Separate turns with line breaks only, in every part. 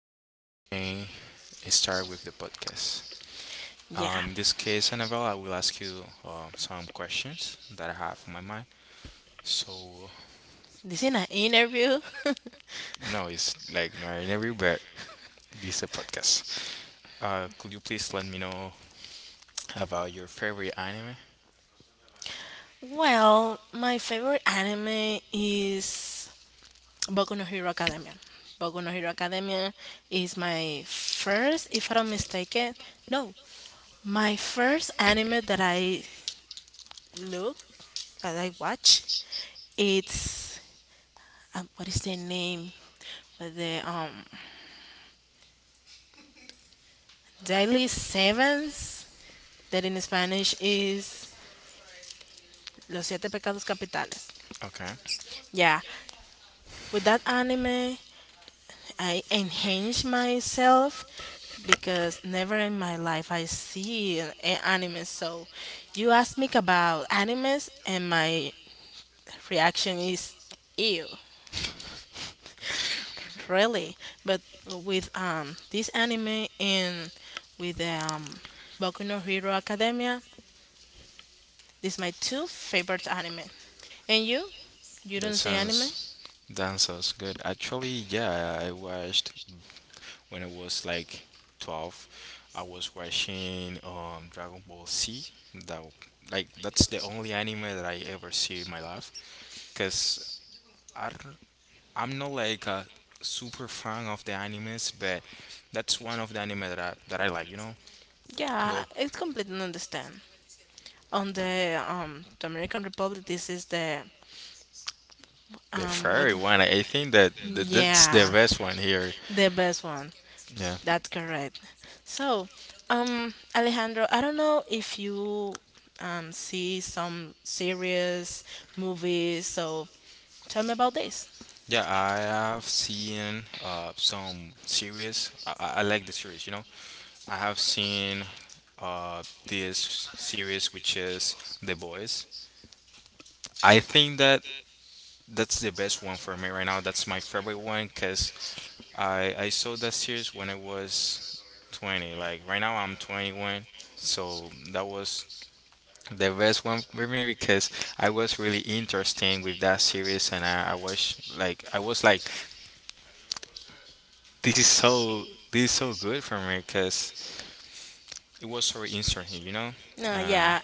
and we can start with the podcast.
Yeah,
In this case, Annabelle, I will ask you some questions that I have in my mind. So,
this in an interview.
no, it's like not an interview, but this is a podcast. Could you please let me know about your favorite anime?
Well, my favorite anime is Boku no Hero Academia. Boku no Hero Academia is my first, if I'm not mistaken, no, my first anime that I look, that I watch. It's what is the name? With the Daily Sevens that in Spanish is Los Siete Pecados Capitales.
Okay,
Yeah, with that anime, I enhance myself because never in my life I see an anime. So you ask me about animes, and my reaction is ew, really. But with this anime and with Boku no Hero Academia, these my two favorite anime. And you? You
that
don't see anime?
sounds that sounds good. Actually, yeah, I watched when I was like 12, I was watching Dragon Ball Z. That w- like that's the only anime that I ever see in my life. Cause I don't- I'm not like a super fan of the animes, but that's one of the anime that I like.
Yeah,
Well,
it's completely understand. On the American Republic, this is the
the
what.
fairy one. I think that that's the
Yeah,
best one here.
the best one.
Yeah.
That's correct. So, Alejandro, I don't know if you see some series, movies. So, tell me about this.
Yeah, I have seen some series. I like the series. I have seen this series, which is The Boys. I think that that's the best one for me right now. That's my favorite one because I saw that series when I was 20. Like right now, I'm 21. So that was the best one for me because I was really interesting with that series and I was like This is so this is so good for me because it was so interesting.
No,
Uh,
yeah,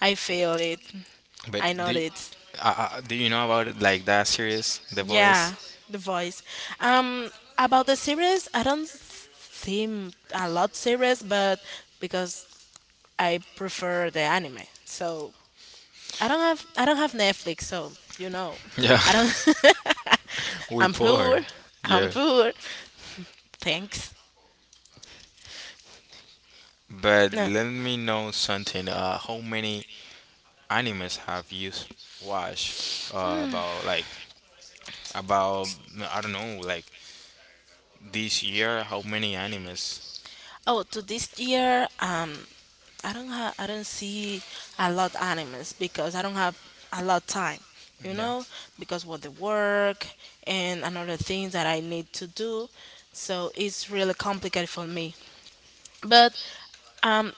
I feel it.
but
I know it.
do you know about it, like that series, The
Yeah,
Voice?
the voice. Um, about the series, I don't see a lot series, but because I prefer the anime, so I don't have Netflix, so you know,
Yeah,
I don't.
we
I'm
poor.
poor. I'm
Yeah,
poor. Thanks.
but
No.
let me know something. How many animes have you watched? About like, about I don't know, like this year. How many animes?
Oh, to this year, I don't see a lot animes because I don't have a lot time. You
Yeah,
know, because with the work and another things that I need to do, so it's really complicated for me. But um,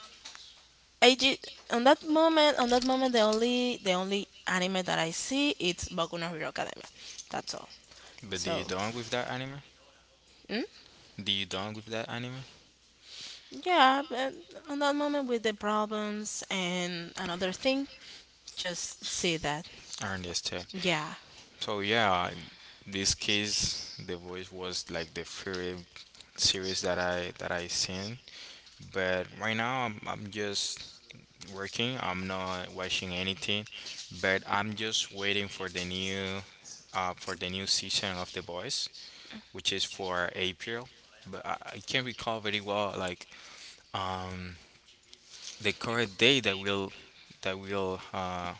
I ju- on that moment, the only anime that I see it's Boku no Hero Academia. That's all.
but do you
So,
done with that anime?
mm,
Do you done with that anime?
yeah, but on that moment with the problems and another thing, just see that.
I understand.
Yeah,
So yeah, in this case, The Voice was like the favorite series that I seen. But right now, I'm just working. I'm not watching anything, but I'm just waiting for the new, for the new season of The Voice, which is for April. But I can't recall very well like um the correct day that will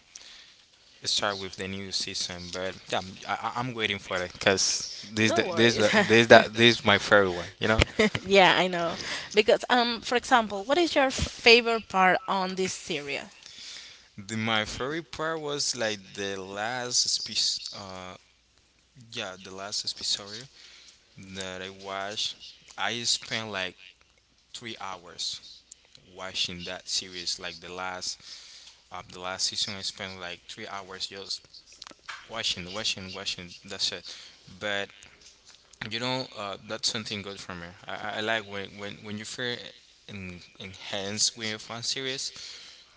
start with the new season, but yeah, I'm waiting for it because this
no
the- this
worries.
the- this that this is my favorite one.
yeah, I know. Because for example, what is your favorite part on this series?
My favorite part was like the last piece. Yeah, the last episode that I watched. I spent like 3 hours watching that series. Like the last of the last season, I spent like 3 hours just watching, watching, watching. That's it. But that's something good for me. I like when you feel enhanced when you find fun serious,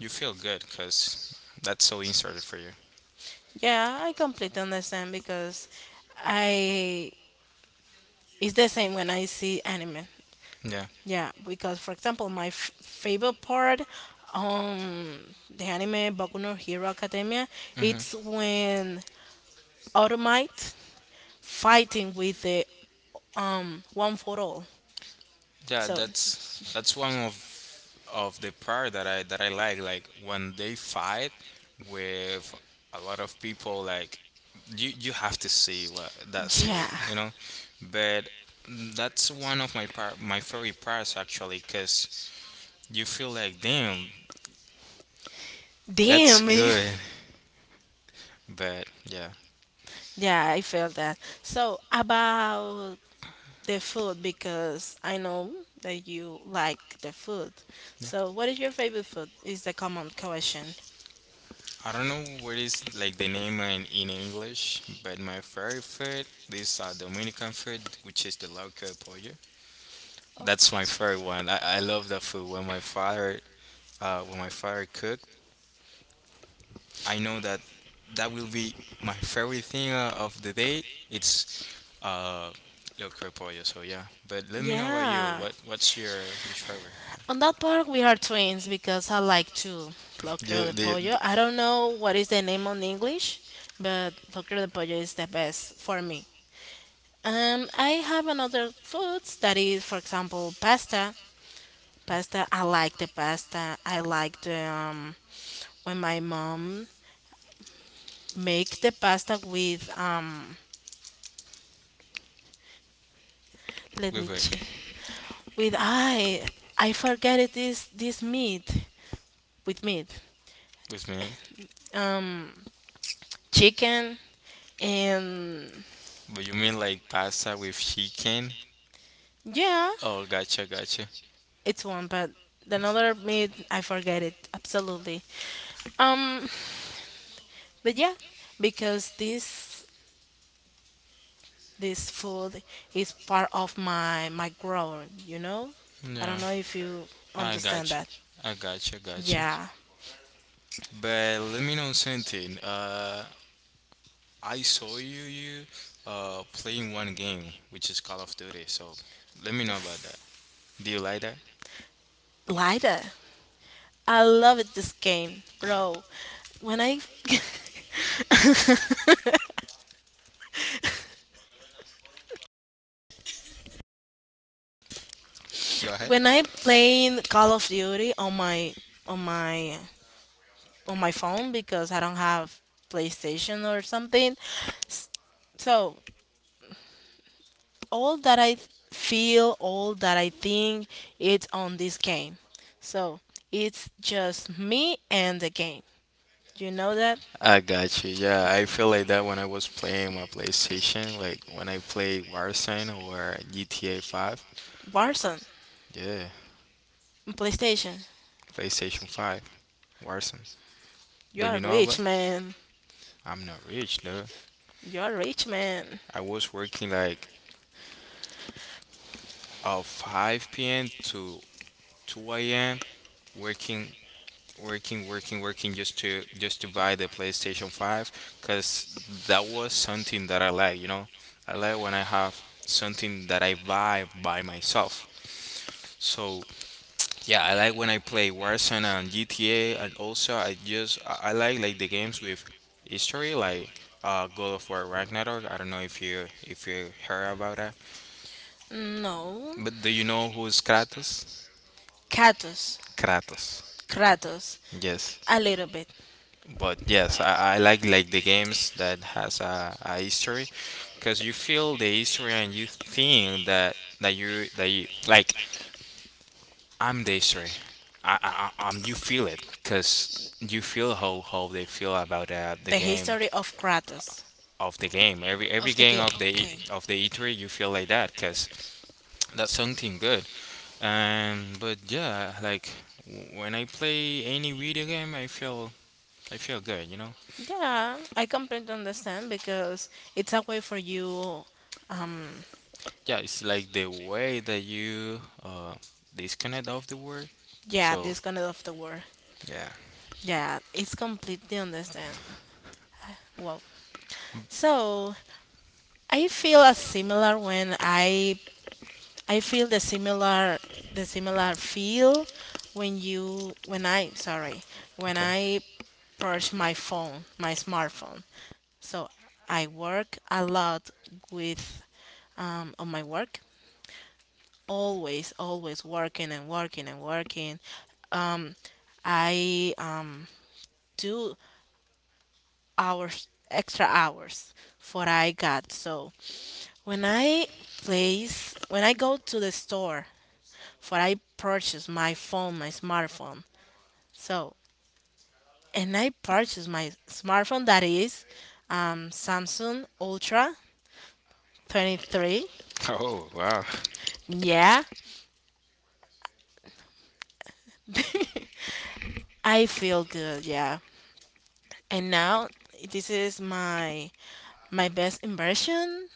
you feel good because that's so inserted for you.
Yeah, I completely understand because I it's the same when I see anime.
Yeah.
Yeah, because for example, my favorite part on the anime Boku no Hero Academia,
Hmm.
it's when Automite fighting with the one for all.
Yeah,
So
that's one of the part that I like. Like when they fight with a lot of people, like you have to see what that series,
yeah,
you know. But that's one of my favorite parts actually, 'cause you feel like, damn, that's
damn it.
good. But yeah,
Yeah, I felt that. So about the food because I know that you like the food.
yeah.
So what is your favorite food? Is the common question.
I don't know what is like the name in English, but my favorite food this Dominican food, which is the loco pollo.
Oh,
That's my favorite one. I love that food. When my father cooked, I know that that will be my favorite thing of the day. It's uh loco pollo. So yeah. But let me know about you.
yeah.
What's your favorite one?
On that part, we are twins because I like to
You
locro de
the,
pollo.
the
I don't know what is the name on English, but locro de pollo is the best for me. I have another foods that is, for example, pasta. Pasta. I like the pasta. I like the when my mom make the pasta with. Let me
wait,
check.
wait.
With I forget it is this meat with meat.
With me?
Um, chicken and
But you mean like pasta with chicken?
yeah,
Oh, gotcha, gotcha.
it's one, but the another myth I forget it absolutely. Um, but yeah, because this food is part of my growing. You know, I don't
Yeah,
know if you
I
understand
gotcha.
that.
I gotcha, gotcha.
Yeah,
But let me know something. I saw you playing one game, which is Call of Duty. So let me know about that. Do you like that?
lighter. I love it this game, bro. When I
Go ahead.
when I playing Call of Duty on my on my on my phone because I don't have PlayStation or something. s- So all that I feel, all that I think, it's on this game. So it's just me and the game. You know that?
I got you. Yeah, I feel like that when I was playing my PlayStation, like when I play Warzone or GTA 5.
Warzone,
Yeah,
PlayStation.
PlayStation 5, Warzone.
You
Don't
are
you know
rich,
about
man.
I'm not rich though.
You are rich, man.
I was working like 5 p.m. to 2 a.m., working working working working just to buy the PlayStation 5, cuz that was something that I like. I like when I have something that I buy by myself. So yeah, I like when I play Warzone and GTA, and also I just I like the games with history like God of War Ragnarok. I don't know if you heard about that.
No.
But do you know who is Kratos?
Kratos.
Kratos.
Kratos.
Yes.
A little bit.
But yes, I like the games that has a history because you feel the history and you think that that you like I'm the history. You feel it because you feel how they feel about the
The
game
history of Kratos.
of the game. Every
Of the
game
game.
of the
Okay.
of the E3, you feel like that because that's something good. But yeah, like when I play any video game, I feel good.
Yeah, I completely understand because it's a way for you, um,
Yeah, it's like the way that you disconnect off the world.
yeah,
So
this kind of the war.
yeah,
Yeah, it's completely understand. Wow. So I feel a similar when I feel the similar feel when you when I sorry when
okay.
I purge my phone my smartphone. So I work a lot with on my work always always working and working and working. I do hours extra hours for I got so. When I place, when I go to the store for I purchase my phone, my smartphone. So, and I purchase my smartphone that is Samsung Ultra 23.
Oh wow.
Yeah, I feel good. Yeah, and now this is my best impression,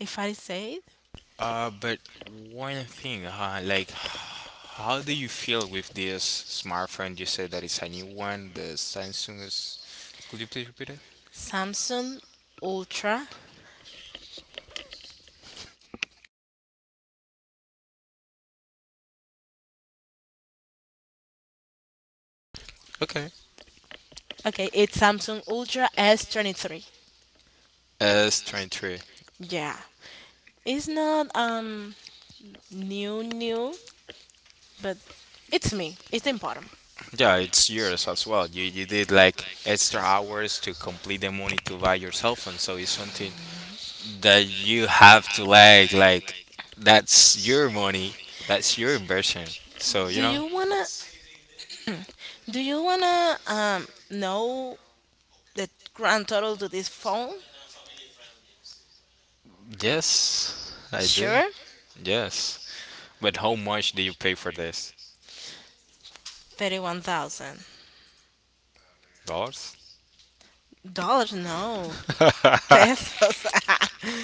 if I say it.
But one thing, huh? Like, how do you feel with this smartphone? You said that it's a new one, the Samsung is. Could you please repeat it?
Samsung Ultra.
Okay.
Okay, it's Samsung Ultra S23.
S twenty three.
Yeah. It's not new new, but it's me. It's important.
Yeah, it's yours as well. You did like extra hours to complete the money to buy your cell phone, so it's something that you have to like, that's your money, that's your inversion. So you
Do
know.
you wanna? Do you wanna know the grand total to this phone?
Yes, I do.
Sure,
Yes, but how much do you pay for this?
thirty-one thousand
Dollars?
dollars. No pesos.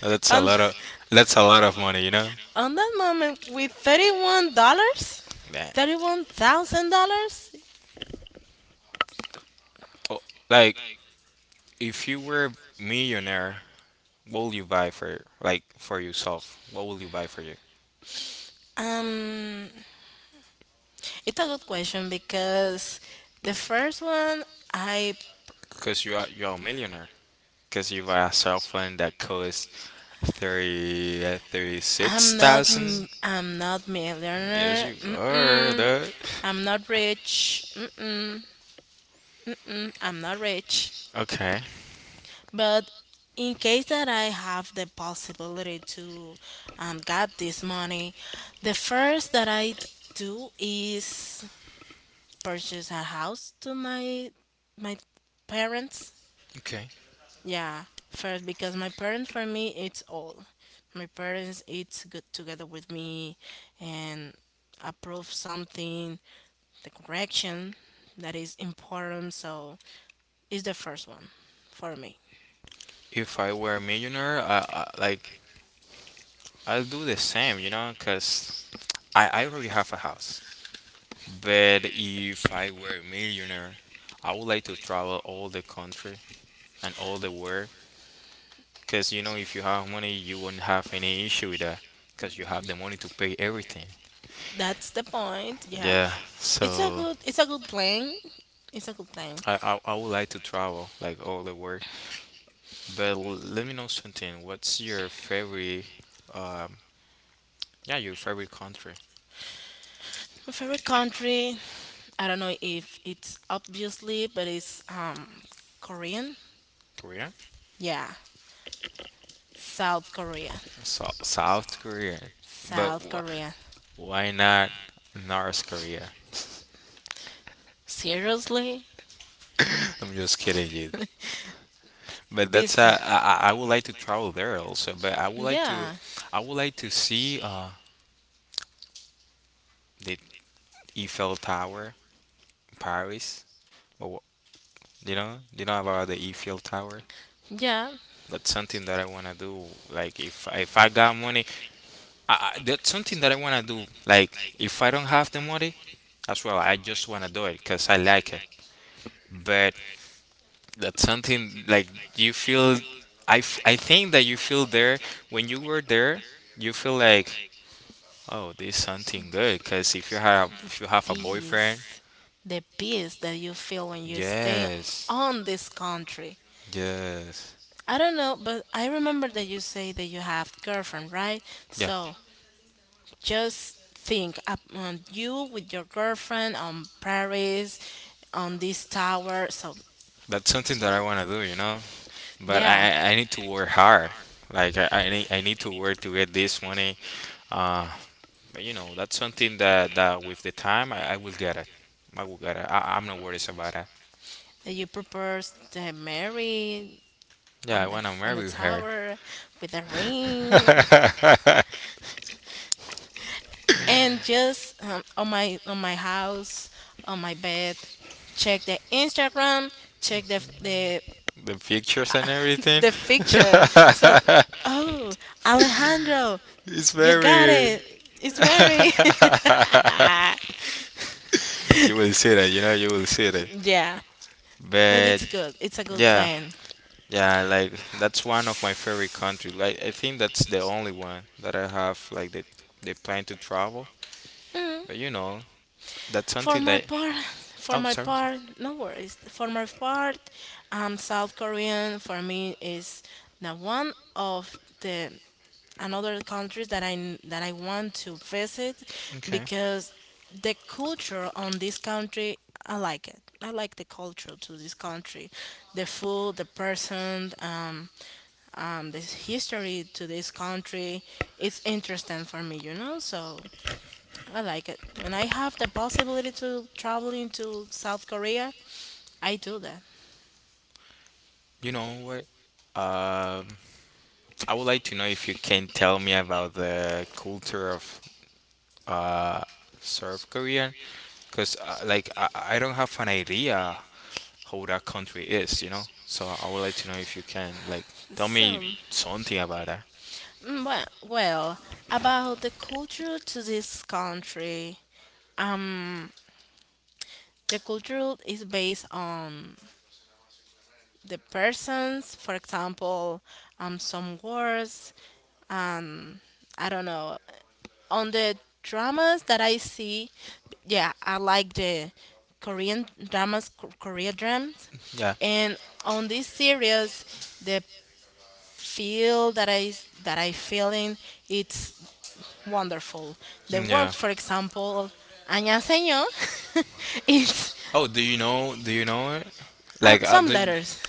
that's a
on
lot of that's a lot of money.
on that moment with $31,
Man,
$31,000.
oh, like if you were a millionaire, what will you buy for, like, for yourself? What will you buy for,
Um, it's a good question because the first one I
because you're a millionaire. Because you buy a cell phone that costs thirty six thousand.
I'm not
Yes,
millionaire.
you are.
Mm-mm.
That.
I'm not rich. Mm-mm. Mm-mm. I'm not rich.
Okay.
But in case that I have the possibility to get this money, the first that I do is purchase a house to my my parents.
Okay.
Yeah, first because my parents for me it's all. My parents it's good together with me and approve something, the correction that is important. So it's the first one for me.
If I were a millionaire, I'll do the same. You know, because I already have a house. But if I were a millionaire, I would like to travel all the country and all the world. Because if you have money, you won't have any issue with that. Because you have the money to pay everything.
That's the point. Yeah,
Yeah. So
it's a good plan. It's a good plan.
I would like to travel like all the work, but let me know something. What's your favorite? Um, yeah, your favorite country?
My favorite country. I don't know if it's obviously, but it's Korean.
Korea?
Yeah, South Korea.
So, South Korea. But
South
wh
Korea.
why not North Korea?
Seriously?
I'm just kidding you. But that's
This,
I would like to travel there also. But I would like to
yeah,
I would like to see the Eiffel Tower in Paris. Or you know about the Eiffel Tower.
yeah,
That's something that I wanna do. Like if I got money, that's something that I want to do. Like, if I don't have the money, as well, I just want to do it because I like it. But that's something like you feel. I think that you feel there when you were there. You feel like, oh, this is something good. Because if you have a boyfriend,
peace. The peace that you feel when you stay
yes,
on this country.
yes,
I don't know, but I remember that you say that you have girlfriend, right?
yeah,
So just think, up on you with your girlfriend on Paris, on this tower. So
that's something that I want to do. But
yeah,
I need to work hard. Like I need to work to get this money. uh, But that's something that with the time I will get it. I will get it. I'm not worried about it.
that you propose to marry
Yeah, I
on the
wanna marry her.
tower with a ring
The
and just on my house on my bed check the Instagram check the
pictures and everything.
the picture so oh Alejandro
It's
you got
very.
it it's Mary
You will see that. You will see that.
yeah but
But
it's a good
yeah,
plan.
yeah, like that's one of my favorite countries. Like I think that's the only one that I have like that they plan to travel.
Mm.
But that's
for
something
my
that.
part for
Oh,
my
sorry.
part no worries for my part, South Korean for me is the one of the another countries that I want to visit because the culture on this country I like it. I like the culture to this country, the food, the person, the history to this country. It's interesting for me, you know. So I like it. When I have the possibility to travel into South Korea, I do that.
You know what? Um, I would like to know if you can tell me about the culture of uh, South Korea, because like I don't have an idea how that country is. So I would like to know if you can, like, tell
So,
me something about that.
well, about the culture to this country. Um, The culture is based on the persons. For example, some words. Um, I don't know. On the dramas that I see, yeah, I like the Korean dramas, Korea dramas,
Yeah,
and on this series, the feel that that I feeling it's wonderful. The work,
yeah.
for example, 안녕하세요. it's
Oh, do you know? Do you know it? Like,
Some letters,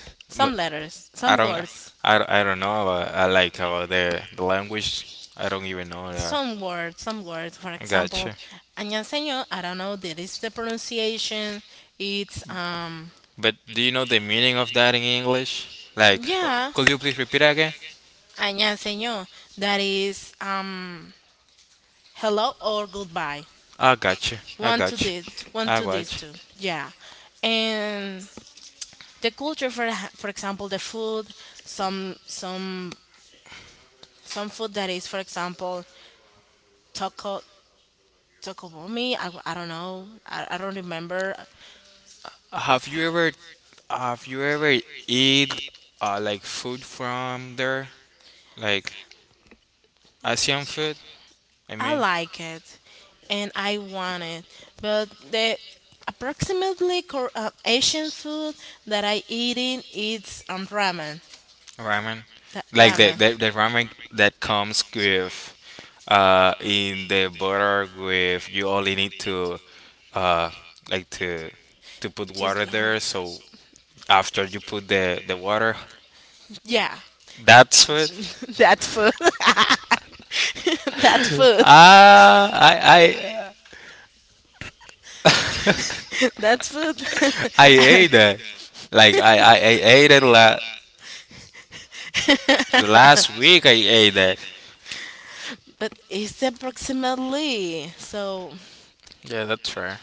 but I
some
don't.
words,
I don't know about I like about the language. I don't even know that.
some words. For
I
example,
gotcha.
안녕하세요. I don't know. That is the pronunciation. It's
But do you know the meaning of that in English? Like,
yeah,
could you please repeat again?
안녕하세요. That is hello or goodbye.
I got you. I
One to
got you.
this, one
I
to this
got you.
two. Yeah, and the culture for example the food, some some some food that is for example taco took over me. I don't know. I don't remember.
Have you ever, have you ever eat like food from there, like Asian food? I
I
mean,
like it and I want it. But the approximately Asian food that I eating it's ramen.
ramen.
That
Like the
ramen.
the, the ramen that comes with, in the butter with, you only need to, uh, like to put water
Just
there. So after you put the water.
yeah,
That's what.
that food. that food.
I
That food.
I ate that. Like I ate the last week. I ate that.
but it's approximately so
Yeah, that's fair.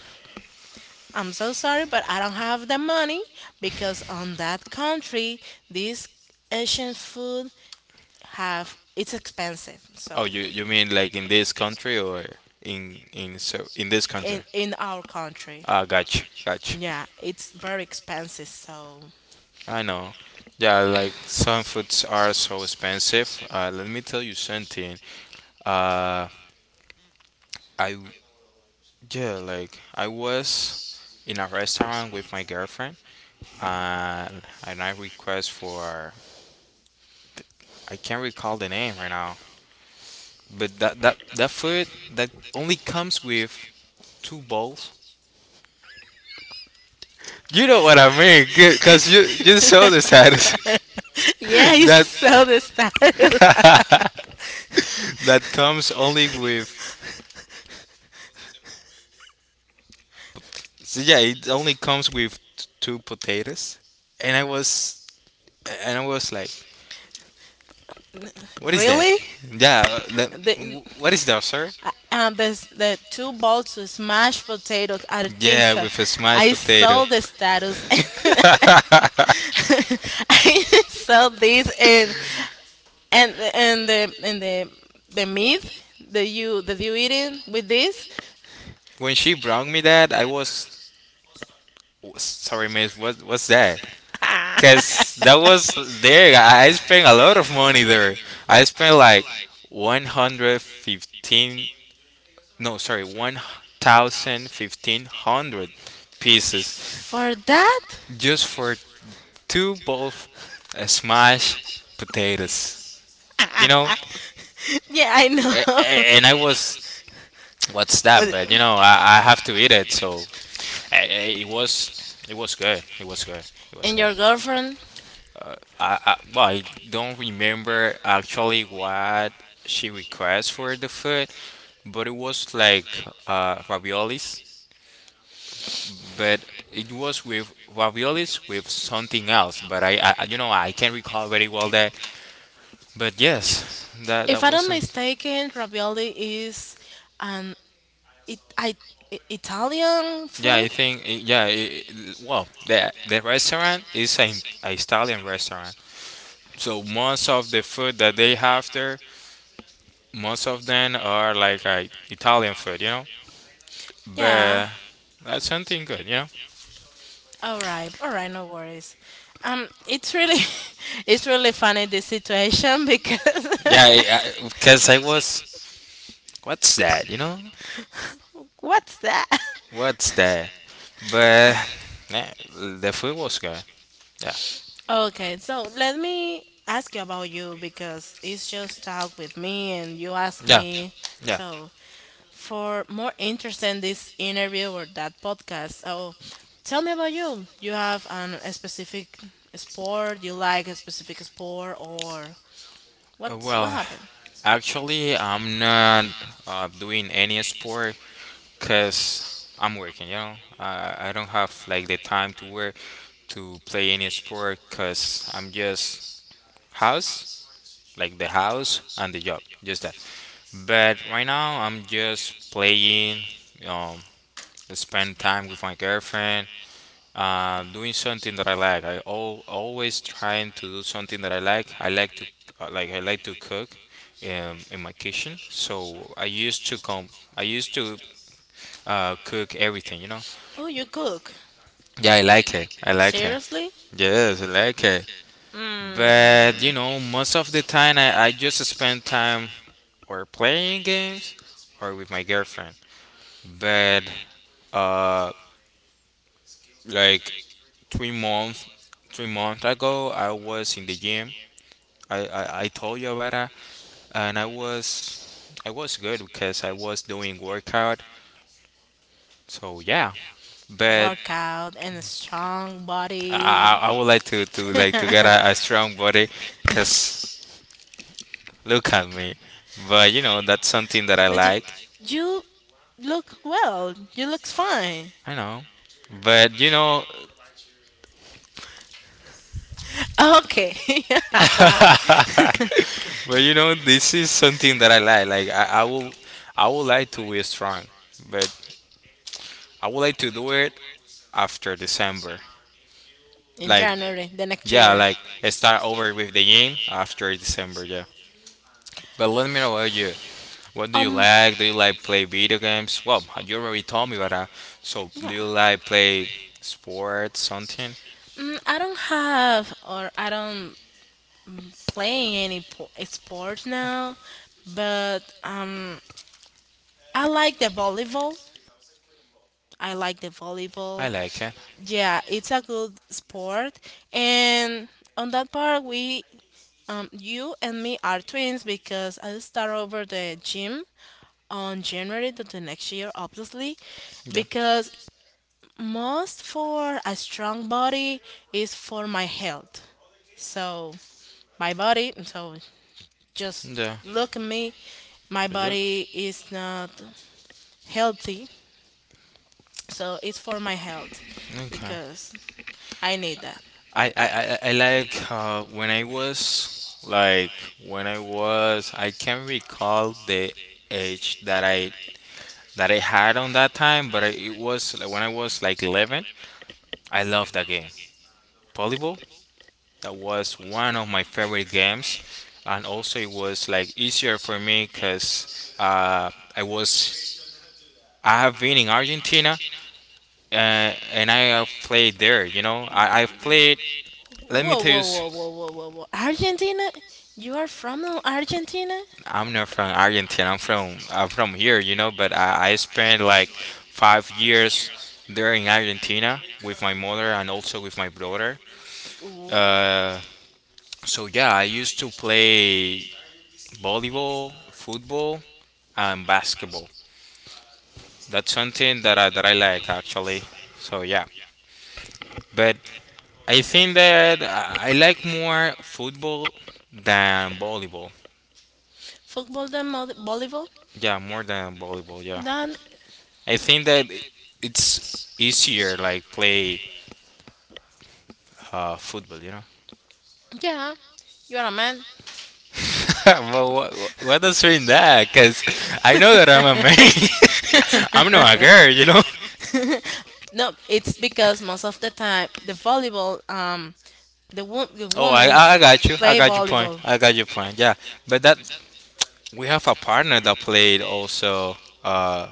I'm so sorry, but I don't have the money because on that country, this Asian food have it's expensive.
Oh,
So
you mean like in this country or in this country?
in our country,
Ah, gotcha, gotcha.
yeah, it's very expensive. So
I know. Yeah, like some foods are so expensive. Let me tell you something. Uh, I Yeah, like I was in a restaurant with my girlfriend, and I request for I can't recall the name right now. But that food that only comes with two bowls. You know what I mean, because you saw the status
yeah, you
that
sell the style.
that comes only with so yeah, it only comes with two potatoes, and I was and I was like, what is that?
really?
Yeah, that,
The
what is that, sir?
the two bowls of mashed potatoes. I think
Yeah,
so.
with a smashed
I
potato.
saw the status. I used to sell this and the meat that you eating with this
When she brought me that, I was sorry, miss. What's that? Cause that was there. I spent a lot of money there. I spent like 115. No, sorry, one thousand fifteen hundred pieces
for that.
just for two bowl of smashed potatoes. You know,
Yeah, I
A-
know.
a- and I was what's that?
With-
But you know, I have to eat it. So uh, uh, it was it was good. It was good. It was
and
good.
your girlfriend,
Well, I don't remember actually what she requests for the food, but it was like raviolis, but it was with raviolis with something else. But you know, I can't recall very well that. But yes, that
if
that
I'm not
wasn't.
mistaken, ravioli is an it, I, Italian
Yeah, I
food.
think yeah. It, well, the restaurant is an Italian restaurant, so most of the food that they have there most of them are like Italian food, you know.
Yeah,
But that's something good, you know.
all right, all right, no worries. It's really, it's really funny this situation because
Yeah, because I 'cause I was, what's that, you know?
What's that?
What's that? But yeah, the food was good. Yeah,
Okay, so let me ask you about you because it's just talk with me and you ask
yeah,
me.
yeah.
So for more interest in this interview or that podcast, so tell me about you. You have an, a specific sport you like, a specific sport, or what's what
Well,
happened?
actually, I'm not doing any sport because I'm working, you know. I don't have like the time to work to play any sport because I'm just house, like the house and the job, just that. But right now, I'm just playing, um, spend time with my girlfriend, doing something that I like. I al Always trying to do something that I like. I like to I like to cook in my kitchen. So I used to come. I used to cook everything, you know.
Oh, you cook.
Yeah, I like it. I like it.
Seriously?
Yes, I like it.
Mm.
But you
And
know, most of the time I just spend time or playing games or with my girlfriend. But uh like 3 months 3 months ago I was in the gym. I told you about that, and I was good because I was doing workout, so yeah. But
workout and a strong
i
body.
i, I would like to get a strong body because look at me. But you know, that's something that I like.
you, I you look well. You look fine.
I know, but you know.
Okay.
But you know, this is something that I like. Like I would like to be strong, but I would like to do it after December.
In
Like,
January, the next
yeah,
year.
like start over with the game after December,
Yeah.
yeah. But let me know about you. What do you
Um.
like? Do you like play video games? Well, you already told me about that. So, do you like play sports, something?
I don't play any sport now, but I like the volleyball. I like the
I
volleyball.
like it.
Yeah, it's a good sport, and on that part, you and me are twins because I start over the gym on January to the next year, obviously,
Yeah,
because most for a strong body is for my health. So my body so just
yeah.
look at me my
you-
body is not healthy so it's for my health
Okay.
because I need that
I like when I was like when I was I can't recall the age that I had on that time, but I, it was like, when I was like 11. I loved that game. Volleyball, that was one of my favorite games, and also it was like easier for me because uh, I was I have been in Argentina, and I have played there. You know, I I've played. Let me
whoa
tell you,
whoa whoa whoa whoa whoa whoa Argentina you are from Argentina.
I'm not from Argentina. I'm from here. You know, but I spent like 5 years there in Argentina with my mother and also with my brother.
Whoa!
Uh, So yeah, I used to play volleyball, football, and basketball. That's something that I like actually. So yeah, but I think that I like more football than volleyball.
Football and volleyball
Yeah, more than volleyball. Yeah,
then,
I think that it's easier like play football. You know.
yeah, you are a man.
Well, what does mean that? Cause I know that I'm a man. I'm not a girl. You know.
No, it's because most of the time the volleyball, the
Oh, I,
women
I I got you. I
play
got your point.
volleyball.
I got your point. Yeah, but that we have a partner that played also uh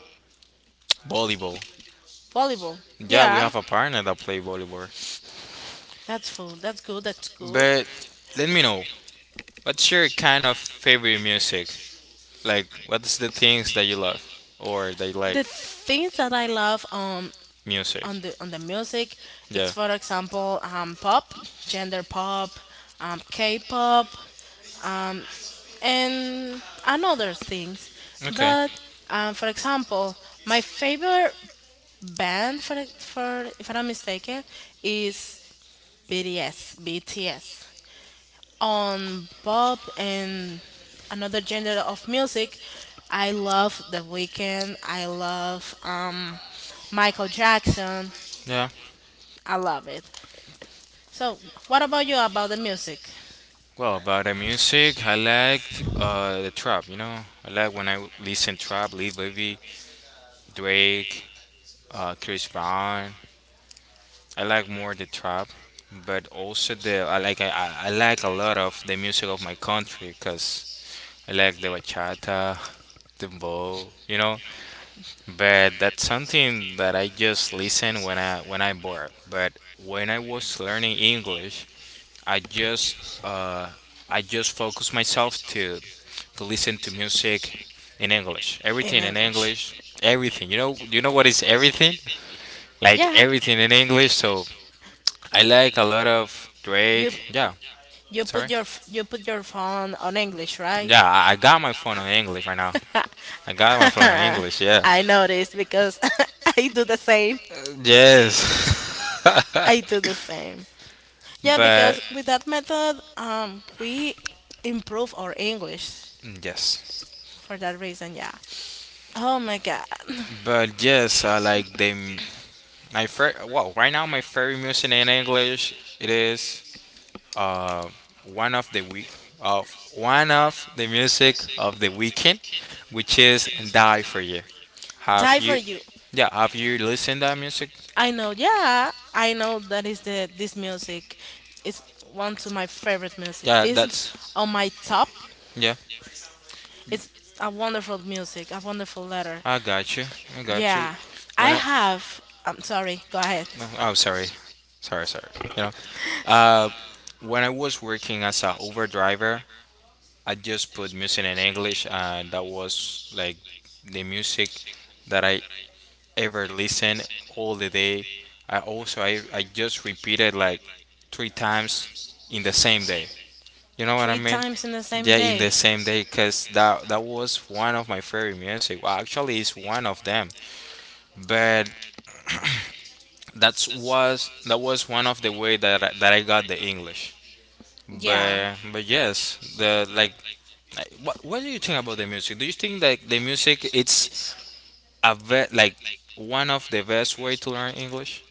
volleyball.
Volleyball,
Yeah, we
yeah.
have a partner that played volleyball.
That's full. That's good. That's good.
But let me know. What's your kind of favorite music? Like, what's the things that you love or that you
The
like
things that I love,
music?
on the music,
Yeah.
it's for example, pop, gender pop, K-pop, and other things.
Okay.
But, for example, my favorite band for if I'm not mistaken is BTS. BTS. On pop and another genre of music, I love The Weeknd. I love, Michael Jackson.
Yeah.
I love it. So, what about you about the music
Well, about the music, I liked the trap. You know, I like when I listen trap, Lil Baby, Drake, Chris Brown. I like more the trap, but also the I like a lot of the music of my country because I like the bachata, the bow, you know. But that's something that I just listen when I bored. But when I was learning English, I just uh focus myself to listen to music in English.
in
Everything in
English?
English. Everything. You know, you know what is everything? Like
Yeah,
everything in English. So I like a lot of
you
Drake. Yeah,
you put
sorry.
your you put your phone on English, right?
Yeah, I got my phone on English right now. I got my phone on English. Yeah.
I noticed because I do the same.
Yes.
I do the same. Yeah, because
But
with that method, we improve our English
yes.
for that reason. Yeah. Oh my God,
But yes, I like them. My fair. Well, right now my favorite music in English it is uh one of the week of one of the music of the weekend, which is "Die for You." Have
die for
you?
you.
Yeah. Have you listened that music?
I know. Yeah, I know that is the this music. It's one of my favorite music.
Yeah.
It's
That's
on my top.
yeah.
It's a wonderful music. A wonderful letter.
I got you. I got you.
Yeah, I
When I
have. I'm sorry. Go ahead.
no, oh sorry, sorry, sorry. You know, uh, when I was working as a Uber driver, I just put music in English, and that was like the music that I ever listened all the day. I also I just repeated like three times in the same day. You know what I
Three
mean?
times in the same
Yeah, in
day.
the same day, cause that was one of my favorite music. Well, actually, it's one of them. But that was one of the way that I got the English.
Yeah.
But yes, the like, what do you think about the music? Do you think that the music it's a one of the best way to learn English?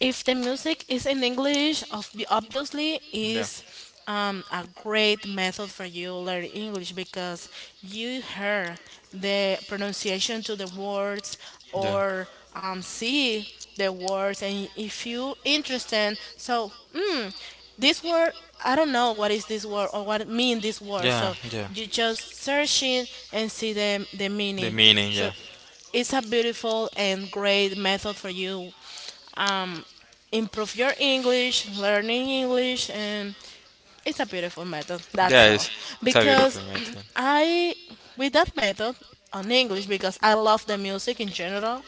If the music is in English, of obviously
Yeah,
is, a great method for you learn English because you hear the pronunciation to the words
yeah,
or, see the words, and if you interested, so, this word, I don't know what is this word or what it mean this word. So
yeah, yeah.
you just searching and see the
The
meaning.
meaning,
So
yeah,
it's a beautiful and great method for you, um, improve your English, learning English, and it's a beautiful method. That's
yeah.
all.
It's a
Because
beautiful method.
I, with that method on English, because I love the music in general,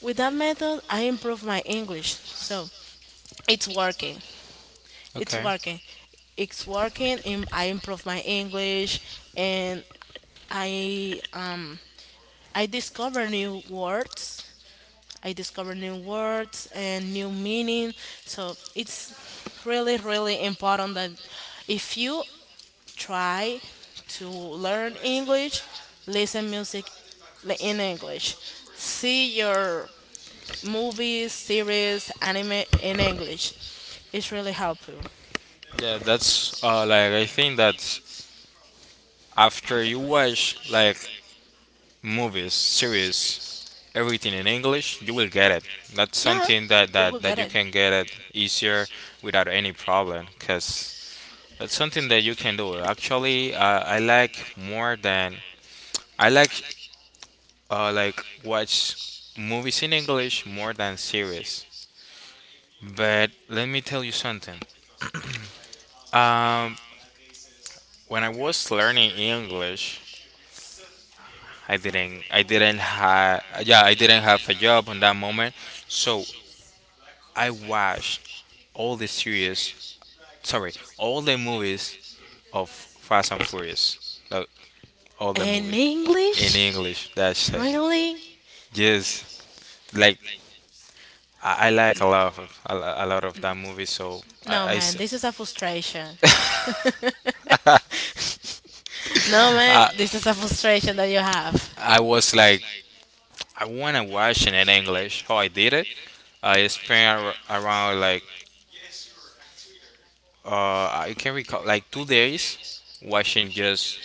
with that method I improve my English. So it's working. It's
Okay.
working. It's working. I improve my English, and I I discover new words, and new meaning. So it's really, really important that if you try to learn English, listen music, in English, see your movies, series, anime in English. It's really helpful.
Yeah, that's I think that after you watch like movies, series, everything in English, you will get it. That's
Yeah,
something that,
you will
that
get
you
it.
can get it easier without any problem because that's something that you can do. Actually, I like more than I like watch movies in English more than series. But let me tell you something. Um, when I was learning English, I didn't have yeah I didn't have a job on that moment, so I watched all the series sorry, all the movies of Fast and Furious, like all the
In
movies in
English?
English. That's it.
Really?
Just like I like a lot of a lot of that movie, so
No, man, this is a frustration. No, man,
I-
this is a frustration that you have.
I was like I wanna watch it in English. How I did it, I spent around like I can recall like 2 days watching just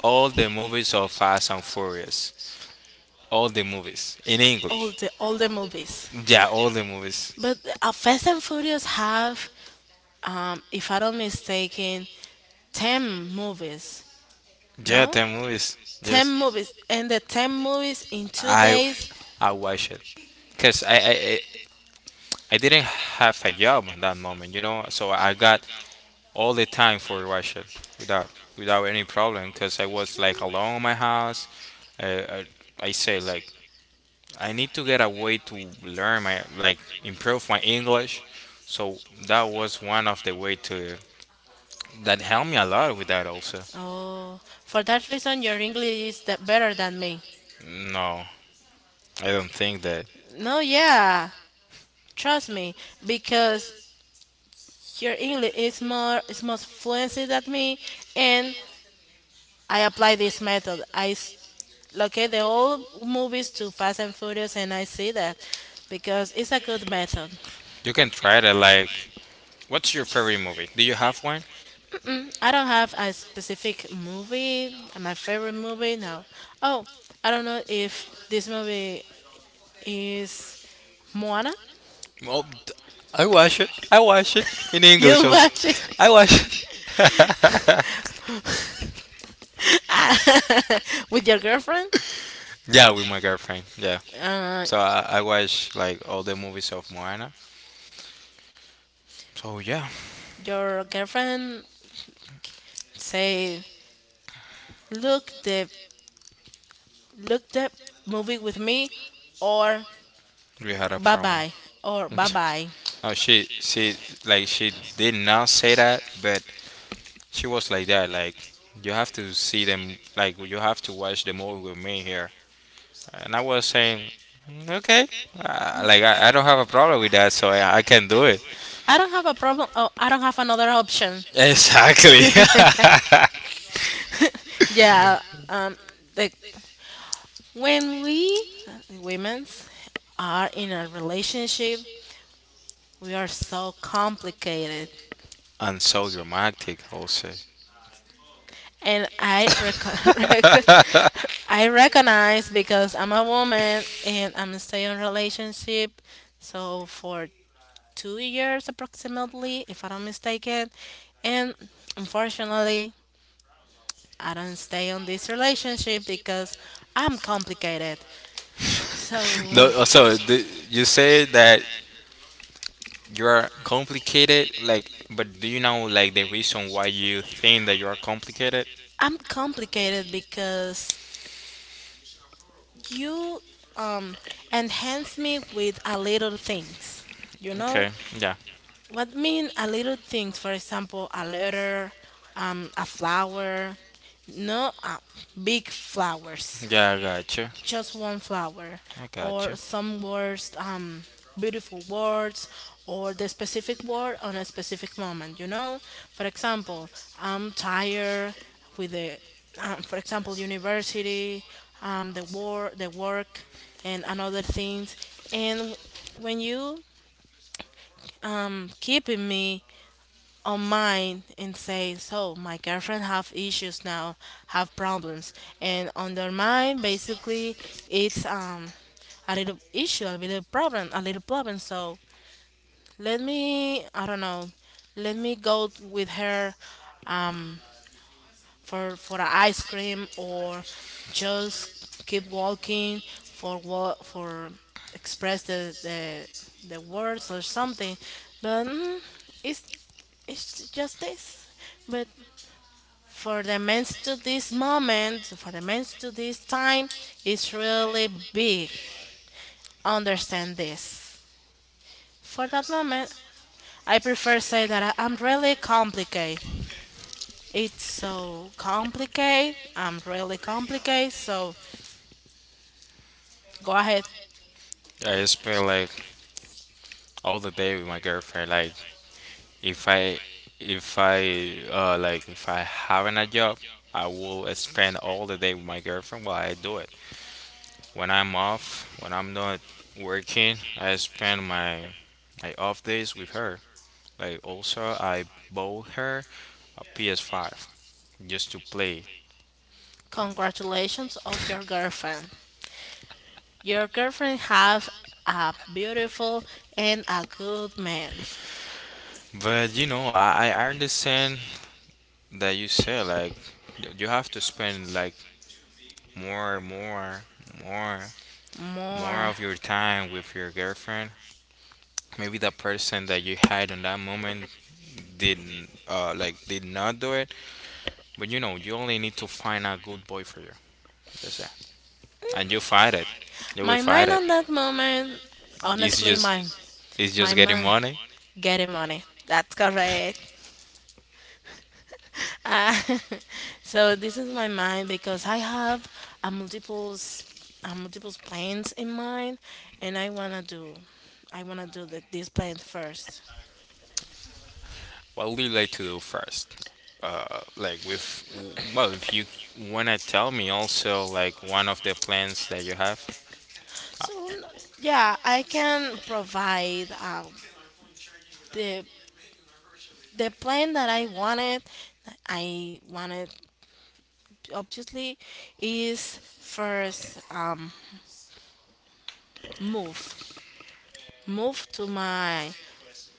all the movies of Fast and Furious, all the movies in
All
English.
the movies.
Yeah, all the movies.
But, Fast and Furious have, if I don't mistaken, 10 movies.
Yeah,
No,
the movies.
ten
Yes,
movies, and the 10 movies in two
I
days.
I watched it because I didn't have a job at that moment, you know. So I got all the time for watch it without any problem because I was like alone in my house. I, I I say like I need to get a way to learn my like improve my English. So that was one of the way to that helped me a lot with that also.
Oh, for that reason, your English is that better than me.
No, I don't think that
No, yeah, trust me, because your English is more fluency than me, and I apply this method. I locate the old movies to Fast and Furious, and I see that because it's a good method.
you can try to like. What's your favorite movie? Do you have one?
Mm, I don't have a specific movie, my favorite movie now. Oh, I don't know if this movie is Moana.
Well, I watch it. I watch it in English
You
also.
watch it
I watch it.
with your girlfriend.
Yeah, with my girlfriend. Yeah.
Uh,
So I watch like all the movies of Moana. So yeah,
your girlfriend say, "Look, the Look that movie with me, or
we had a
bye
problem.
bye, or bye bye."
No, she like she did not say that, but she was like that. Like you have to see them. Like you have to watch the movie with me here. And I was saying, "Mm, okay, like I don't have a problem with that, so I can do it.
I don't have a problem. Oh, I don't have another option.
Exactly.
Yeah. Um. Like when we women's are in a relationship, we are so complicated,
And so dramatic also.
and I I recognize because I'm a woman and I'm still in a relationship. So for 2 years approximately, if I'm not mistaken. And unfortunately, I don't stay on this relationship because I'm complicated. So
No, so you say that you're complicated, like, but do you know, like, the reason why you think that you're complicated?
I'm complicated because you, um, enhance me with a little things. You know
Okay. Yeah.
what mean a little things? For example, a letter, a flower, no, big flowers.
Yeah, I got you.
Just one flower
I got you.
or some words, beautiful words or the specific word on a specific moment, for example, I'm tired with the, for example, university, the work and another things, and when you, keep in me on mine and say, "So my girlfriend have issues now, have problems," and on their mind, basically, it's, a little issue, a little problem, a little problem. So let me, I don't know, let me go with her, um, for an ice cream or just keep walking for what for express the words or something, but. Mm, it's it's just this, but for the men's to this moment, for the men's to this time, is really big. Understand this. For that moment, I prefer say that I'm really complicated. It's so complicated. I'm really complicated. So go ahead.
Yeah, I spend, like, all the day with my girlfriend, like, if i if I like if I having a job, I will spend all the day with my girlfriend while I do it. When I'm off, when I'm not working, I spend my off days with her. Like also, I bought her a PS5 just to play.
Congratulations of your girlfriend. Your girlfriend have a beautiful and a good man.
But you know, I understand that you say, like, you have to spend, like, more, more, more, more
More.
of your time with your girlfriend. Maybe the person that you had on that moment didn't like did not do it. But you know, you only need to find a good boy for you. That's and you fight it. You will
My
fight
mind
it.
on that moment,
It's
honestly
just
my...
it's just getting
Getting money.
money.
Getting money. That's correct. Uh, so this is my mind because I have a multiples, a multiples plans in mind, and I wanna do this plan first.
What would you like to do first? Like with well, if you wanna tell me also, like, one of the plans that you have,
So yeah, I can provide, the plan that I wanted, that I wanted obviously is first, move move to my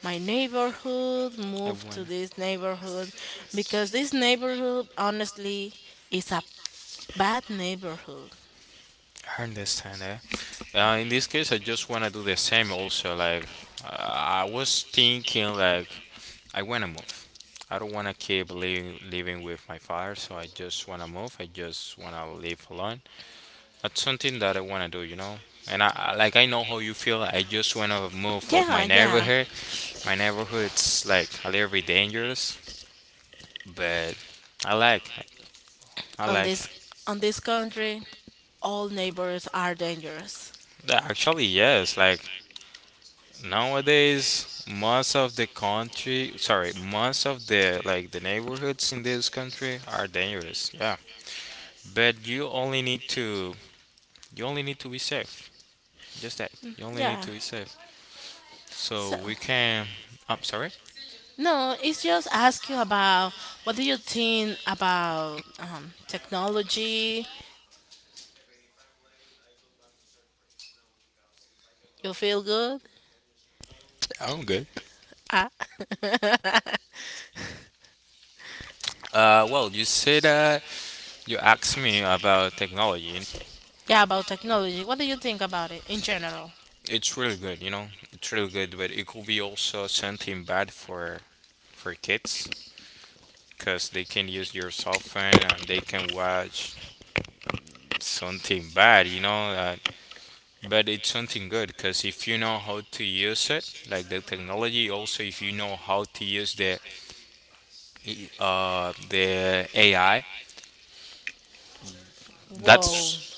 my neighborhood,
I
move to
wanna.
this neighborhood, because this neighborhood honestly is a bad neighborhood.
I understand that. In this case, I just wanna do the same also. Like, I was thinking, like, I wanna move. I don't wanna keep living with my father, so I just wanna move. I just wanna live alone. That's something that I want to do, you know. And I like I know how you feel. I just want to move off
Yeah,
my
yeah.
neighborhood. My neighborhood's like a little bit dangerous, but I like I
On
like
this on this country, all neighbors are dangerous.
that. Actually, yes. Like nowadays, most of the country, sorry, most of the neighborhoods in this country are dangerous. Yeah, but you only need to be safe. Just that. You only need
Yeah.
to be safe. So
So
we can. I'm sorry.
no, it's just ask you about, what do you think about, technology? You feel good?
I'm good.
Ah.
Well, you say that you asked me about technology.
Yeah, about technology. What do you think about it in general?
It's really good, you know. It's really good, but it could be also something bad for kids because they can use your cell phone and they can watch something bad, you know. But it's something good because if you know how to use it, like the technology, also if you know how to use the AI,
Whoa.
that's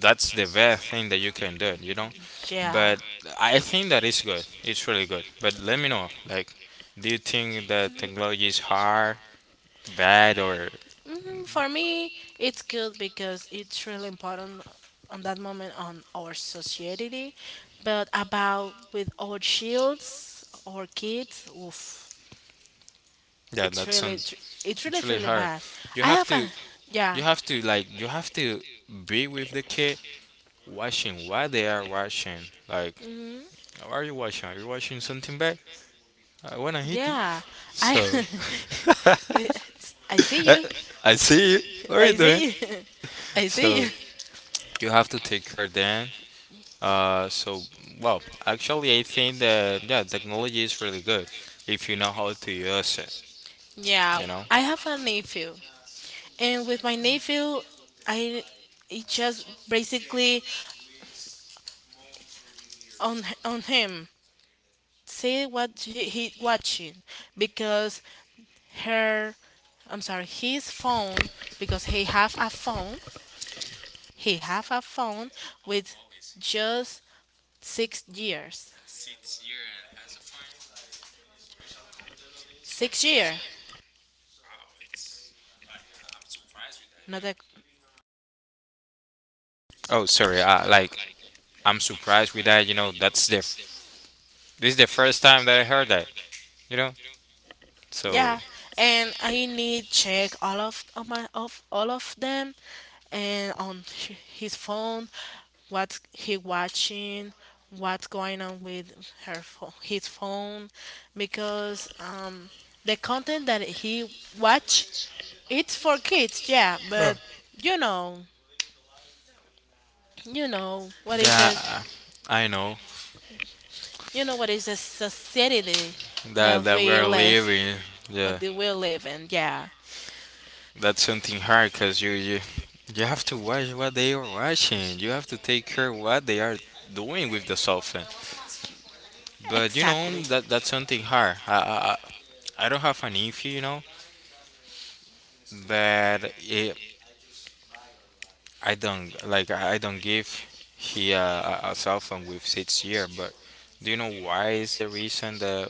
that's the best thing that you can do, you know.
Yeah.
But I think that it's good. It's really good. But let me know, like, do you think that technology is hard, bad, or,
For me, it's good because it's really important on that moment on our society. But about with our shields, our kids, oof,
yeah,
it's
that's
really,
on.
it's really,
It's
it's
really
really
hard.
bad.
You
I
have
have a,
to,
yeah,
you have to be with the kid, watching what they are watching. Like,
hmm
"Oh, are you watching? Are you watching something bad? I wanna hit you."
yeah. I,
So,
I see you.
I see you. What are you
I
doing?
see. I
So
see.
you have to take care then. So, well, actually, I think that, yeah, technology is really good if you know how to use it.
Yeah,
You know.
I have a nephew, and with my nephew, I it just basically on him see what he watching, because her, I'm sorry, his phone, because he have a phone. He have a phone with just 6 years. 6 year. Not that.
Oh, sorry. Like, I'm surprised with that. You know, this is the first time that I heard that. You know. So
Yeah, and I need check all of my of all of them, and on his phone, what he watching, what's going on with her phone, his phone, because, the content that he watch it's for kids, yeah, but you know, you know what is the,
yeah, I know
you know what is the society
that
that
that we
we
are
live,
living.
what
Yeah,
do we live in? Yeah,
that's something hard because you have to watch what they are watching. You have to take care what they are doing with the cell phone. But you know
exactly.
that that's something hard. I don't have an nephew, you know, but I don't give he, a cell phone with 6 year. But do you know why is the reason that,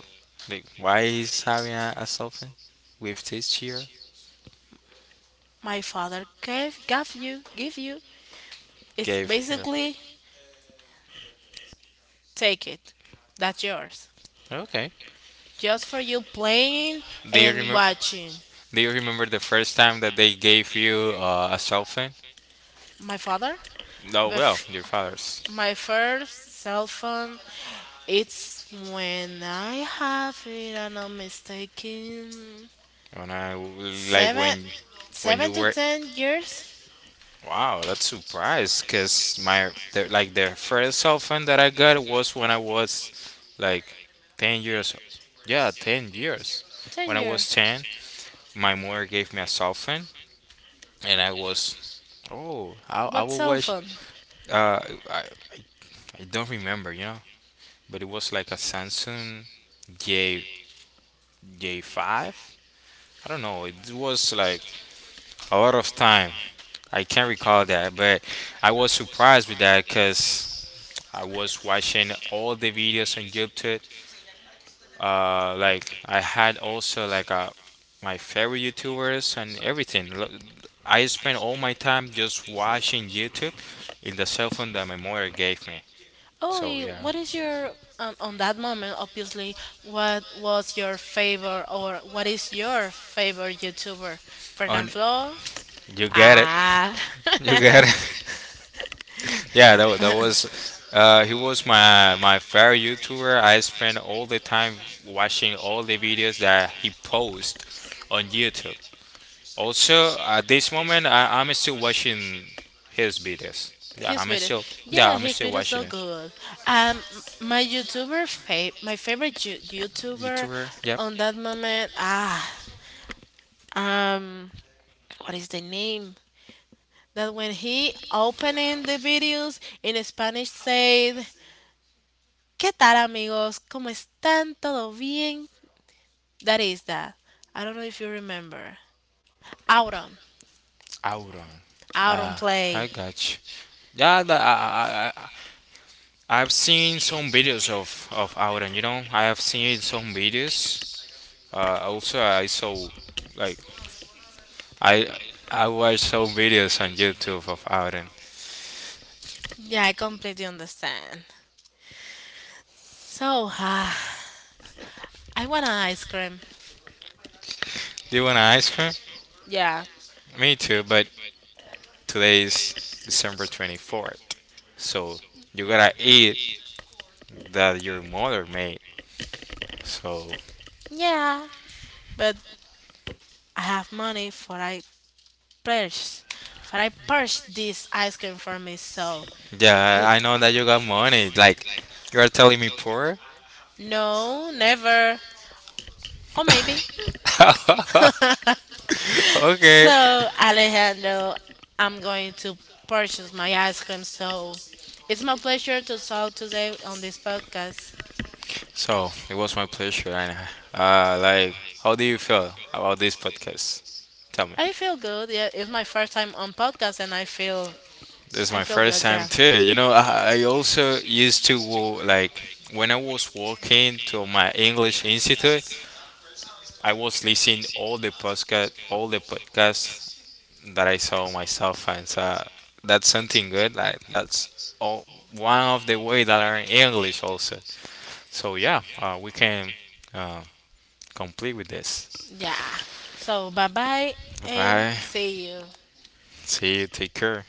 like, why he's having a cell phone with 6 year?
My father gave you give you. It's
Gave her.
basically take it. That's yours.
Okay.
Just for you playing
Do you
and
remember?
watching.
Do you remember the first time that they gave you, a cell phone?
My father?
Oh well,
Bef-
your father's.
my first cell phone it's when I have it and I'm not mistaken,
When I like,
seven
when you
seven to
were.
ten years?
Wow, that's surprise because my like, the first cell phone that I got was when I was like 10 years, yeah, 10 years,
Ten
when I
years.
was 10, my mother gave me a cell phone. And I was, oh, I
What
will
cell
watch.
phone?
uh I, I, I don't remember, but it was like a Samsung J J5. I don't know, it was like a lot of time. I can't recall that, but I was surprised with that because I was watching all the videos on YouTube. Like, I had also, like, my favorite YouTubers and everything. I spent all my time just watching YouTube in the cell phone that my mother gave me.
Oh,
So
eh,
yeah,
what is your, on that moment? Obviously, what was your favorite or what is your favorite YouTuber?
on
Fernand Flo.
you get it,
Ah,
you get it. Yeah, that was. He was my favorite YouTuber. I spent all the time watching all the videos that he posts on YouTube. Also, at this moment, I'm still watching his videos.
his video.
Yeah,
Yeah,
I'm
his
still
video is
watching
so
it.
good. Um, my YouTuber my favorite YouTuber
YouTuber? Yep.
on that moment. Ah, um, what is the name? That when he opening the videos in Spanish said, "¿Qué tal amigos? ¿Cómo están? ¿Todo bien?" That is that. I don't know if you remember. Auron.
Auron.
Auron
Ah,
play.
I got you. Yeah, I've seen some videos of Auron. You know, I have seen some videos. Also, I saw, like, I I watched some videos on YouTube of Auron.
Yeah, I completely understand. So, ah, I want an ice cream.
Do you wanna ask her?
Yeah.
Me too. But today is December 24th, so you gotta eat that your mother made. So
Yeah. But I have money purchase for I purchase this ice cream for me, so
yeah,
l-
I know that you got money. Like, you're telling me poor?
no, never. Or maybe.
Okay.
So, Alejandro, I'm going to purchase my ice cream. So, it's my pleasure to talk today on this podcast.
So it was my pleasure. And, like, how do you feel about this podcast? Tell me.
I feel good. Yeah, it's my first time on podcast, and I feel
This is
I
my
feel
first
good.
time
Yeah.
too. You know, I also used to like, when I was walking to my English institute. I was listening all the podcast, all the podcasts that I saw myself, and so that's something good. Like, that's all, one of the way that are in English also. So yeah, we can, uh, complete with this.
Yeah. So, bye bye, and
Bye.
see you.
See you. Take care.